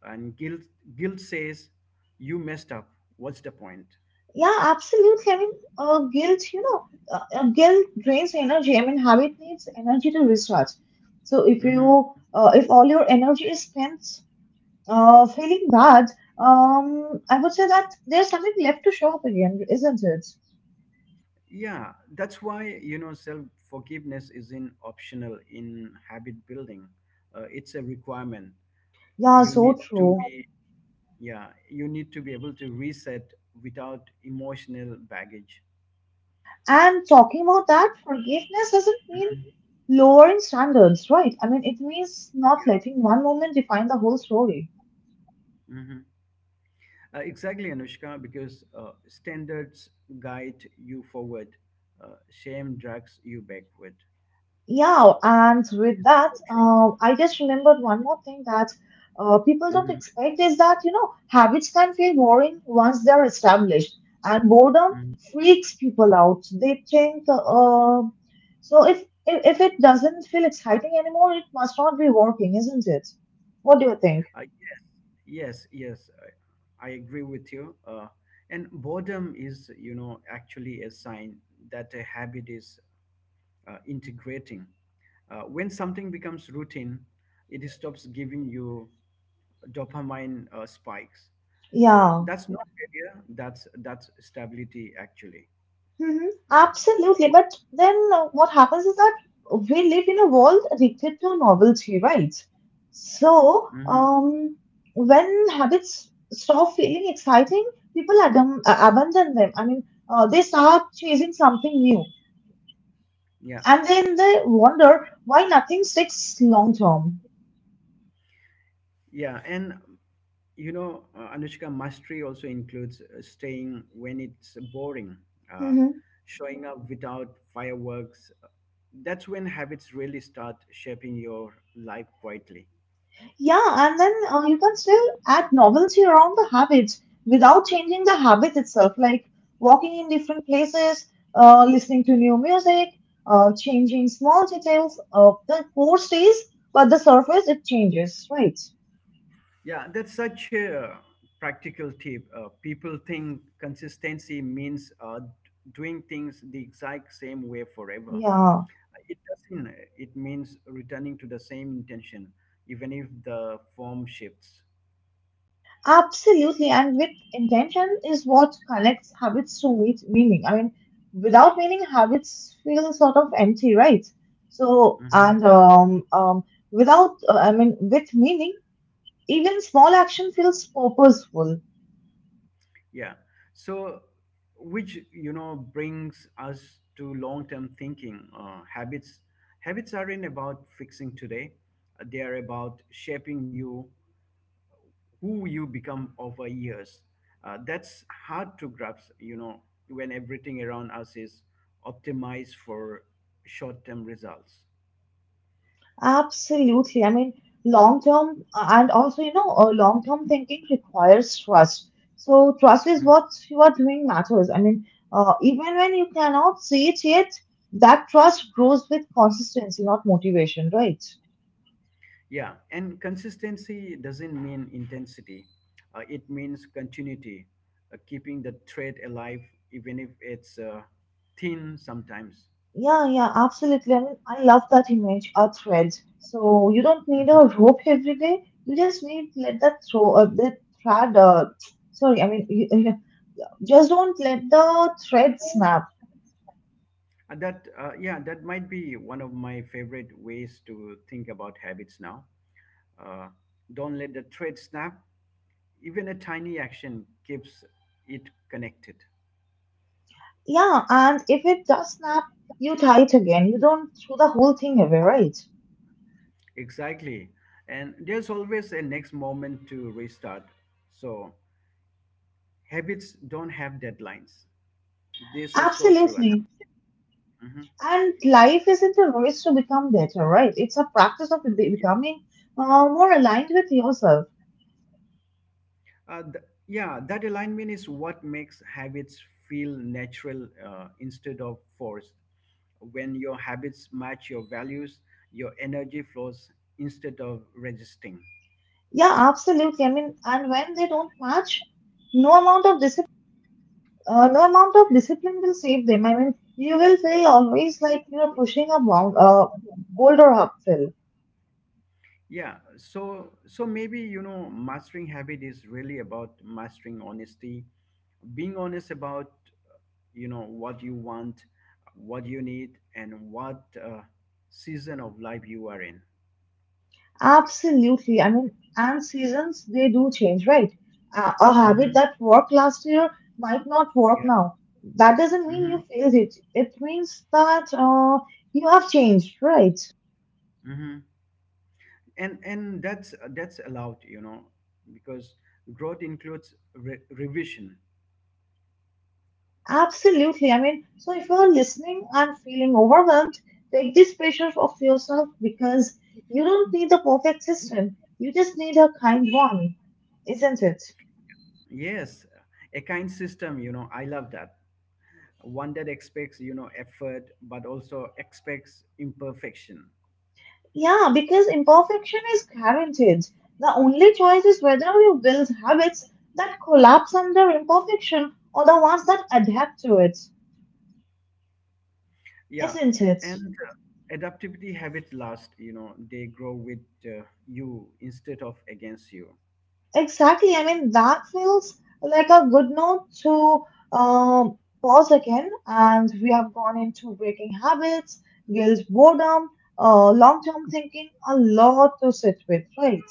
[SPEAKER 1] And guilt says, you messed up. What's the point?
[SPEAKER 2] yeah, absolutely. I mean, guilt, guilt drains energy. I mean, habit needs energy to recharge. So if
[SPEAKER 1] Hmm.
[SPEAKER 2] you, if all your energy is spent feeling bad, I would say that there's something left to show up again, isn't it?
[SPEAKER 1] Yeah, that's why, you know, self forgiveness isn't optional in habit building. It's a requirement.
[SPEAKER 2] Yeah,
[SPEAKER 1] You
[SPEAKER 2] so
[SPEAKER 1] need to
[SPEAKER 2] true.
[SPEAKER 1] be yeah you need to be able to reset without emotional baggage.
[SPEAKER 2] And talking about that, forgiveness doesn't mean
[SPEAKER 1] Mhm.
[SPEAKER 2] lowering standards, right? I mean, it means not
[SPEAKER 1] Yeah.
[SPEAKER 2] letting one moment define the whole story.
[SPEAKER 1] Hmm. Exactly, Anushka, because standards guide you forward, shame drags you backward.
[SPEAKER 2] Yeah, and with
[SPEAKER 1] It's
[SPEAKER 2] that,
[SPEAKER 1] so true.
[SPEAKER 2] I just remembered one more thing that people don't
[SPEAKER 1] Hmm.
[SPEAKER 2] expect is that, you know, habits can feel boring once they're established, and boredom
[SPEAKER 1] Hmm.
[SPEAKER 2] freaks people out. They think, so if it doesn't feel exciting anymore, it must not be working, isn't it? What do you think?
[SPEAKER 1] Yes, yes, yes. I, I agree with you, uh, and boredom is, you know, actually a sign that a habit is integrating. When something becomes routine, it stops giving you dopamine spikes. So
[SPEAKER 2] Yeah.
[SPEAKER 1] that's not failure. That's stability actually.
[SPEAKER 2] Mhm. Absolutely. But then what happens is that we live in a world addicted to novelty, right? So,
[SPEAKER 1] Hmm.
[SPEAKER 2] when habits stop feeling exciting, people abandon them. I mean, they start chasing something new.
[SPEAKER 1] Yeah,
[SPEAKER 2] And then they wonder why nothing sticks long term.
[SPEAKER 1] yeah, and, you know, Anushka, mastery also includes staying when it's boring, uh, showing up without fireworks. That's when habits really start shaping your life quietly.
[SPEAKER 2] Yeah, and then you can still add novelty around the habit without changing the habit itself, like walking in different places, listening to new music, changing small details. The core stays, but the surface it changes, right?
[SPEAKER 1] Yeah, that's such a practical tip. People think consistency means doing things the exact same way forever.
[SPEAKER 2] Yeah,
[SPEAKER 1] It doesn't. It means returning to the same intention, even if the form shifts.
[SPEAKER 2] absolutely. And with intention is what connects habits to meet meaning. I mean, without meaning, habits feel sort of empty, right? So,
[SPEAKER 1] Hmm.
[SPEAKER 2] and without, I mean, with meaning even small action feels purposeful.
[SPEAKER 1] Yeah. So, which, you know, brings us to long-term thinking. Habits aren't about fixing today. They are about shaping you, who you become over years. That's hard to grasp, you know, when everything around us is optimized for short-term results.
[SPEAKER 2] Absolutely. I mean, long term and also, you know, long term thinking requires trust. So, trust is what you are doing matters. I mean, even when you cannot see it yet, that trust grows with consistency, not motivation, right?
[SPEAKER 1] Yeah, and consistency doesn't mean intensity. It means continuity, keeping the thread alive, even if it's thin sometimes.
[SPEAKER 2] Yeah, yeah, absolutely. I mean, I love that image, a thread. So, you don't need a
[SPEAKER 1] Mhm.
[SPEAKER 2] rope every day. You just need let that throw, that thread, sorry, I mean, you, Just don't let the thread snap.
[SPEAKER 1] And that, yeah, that might be one of my favorite ways to think about habits now. Uh, don't let the thread snap. Even a tiny action keeps it connected.
[SPEAKER 2] Yeah, and if it does snap, you tie it again. You don't throw the whole thing away, right?
[SPEAKER 1] Exactly. And there's always a next moment to restart. So habits don't have deadlines. This is so true, Anu.
[SPEAKER 2] Absolutely.
[SPEAKER 1] Mhm.
[SPEAKER 2] And life isn't a race to become better, right? It's a practice of
[SPEAKER 1] Yeah.
[SPEAKER 2] becoming more aligned with yourself.
[SPEAKER 1] Yeah, that alignment is what makes habits feel natural instead of forced. When your habits match your values, your energy flows instead of resisting.
[SPEAKER 2] Yeah, absolutely. I mean, and when they don't match, no amount of discipline, no amount of discipline will save them. I mean, you will feel always like you're pushing a boulder uphill.
[SPEAKER 1] Yeah, so maybe, you know, mastering habit is really about mastering honesty, being honest about, you know, what you want, what you need, and what season of life you are in.
[SPEAKER 2] Absolutely. I mean, and seasons, they do change, right? A habit
[SPEAKER 1] Mm-hmm.
[SPEAKER 2] that worked last year might not work
[SPEAKER 1] Yeah.
[SPEAKER 2] now. That doesn't mean
[SPEAKER 1] Mm-hmm.
[SPEAKER 2] you failed it. It means that you have changed, right?
[SPEAKER 1] Hmm. And that's allowed, you know, because growth includes revision.
[SPEAKER 2] Absolutely. I mean, so if you're listening and feeling overwhelmed, take this pressure off yourself because you don't need the perfect system. You just need a kind one, isn't it?
[SPEAKER 1] Yes, a kind system, you know, I love that. One that expects, you know, effort, but also expects imperfection.
[SPEAKER 2] Yeah, because imperfection is guaranteed. The only choice is whether you build habits that collapse under imperfection or the ones that adapt to it,
[SPEAKER 1] Yeah,
[SPEAKER 2] isn't
[SPEAKER 1] and
[SPEAKER 2] it?
[SPEAKER 1] adaptivity habits last, you know, they grow with you instead of against you.
[SPEAKER 2] Exactly. I mean, that feels like a good note to pause again. And we have gone into breaking habits, guilt, boredom, long-term thinking, a lot to sit with, right?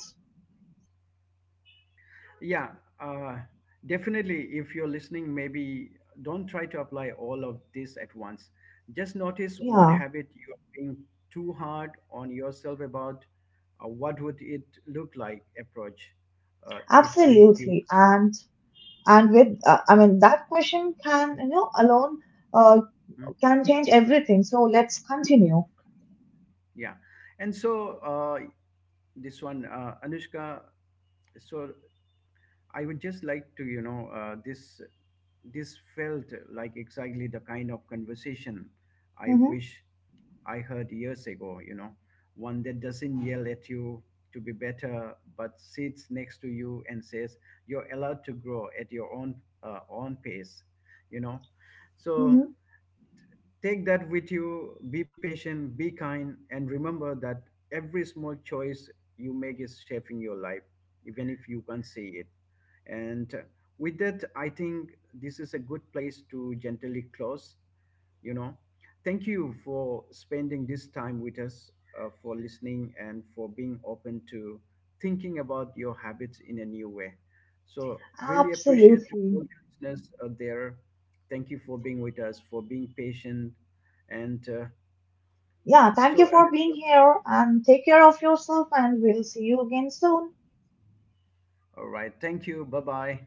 [SPEAKER 1] Yeah, uh, definitely. If you're listening, maybe don't try to apply all of this at once. Just notice one
[SPEAKER 2] Yeah,
[SPEAKER 1] habit you are being too hard on yourself about. What would it look like? Approach it with curiosity.
[SPEAKER 2] absolutely. And with I mean that question can you know alone uh,
[SPEAKER 1] Mhm.
[SPEAKER 2] can change everything, so let's continue.
[SPEAKER 1] Yeah, and so this one, Anushka. So I would just like to, you know, this felt like exactly the kind of conversation I
[SPEAKER 2] Hmm.
[SPEAKER 1] wish I heard years ago. You know, one that doesn't yell at you to be better, but sits next to you and says you're allowed to grow at your own pace. You know, so
[SPEAKER 2] Hmm.
[SPEAKER 1] take that with you. Be patient, be kind, and remember that every small choice you make is shaping your life, even if you can't see it. And with that, I think this is a good place to gently close. You know, thank you for spending this time with us, for listening, and for being open to thinking about your habits in a new way. So, really appreciate to all
[SPEAKER 2] Absolutely.
[SPEAKER 1] the listeners out there. Thank you for being with us, for being patient. And
[SPEAKER 2] Yeah, thank you
[SPEAKER 1] so,
[SPEAKER 2] for being
[SPEAKER 1] Anushka,
[SPEAKER 2] here and take care of yourself, and we'll see you again soon.
[SPEAKER 1] all right. Thank you. Bye bye.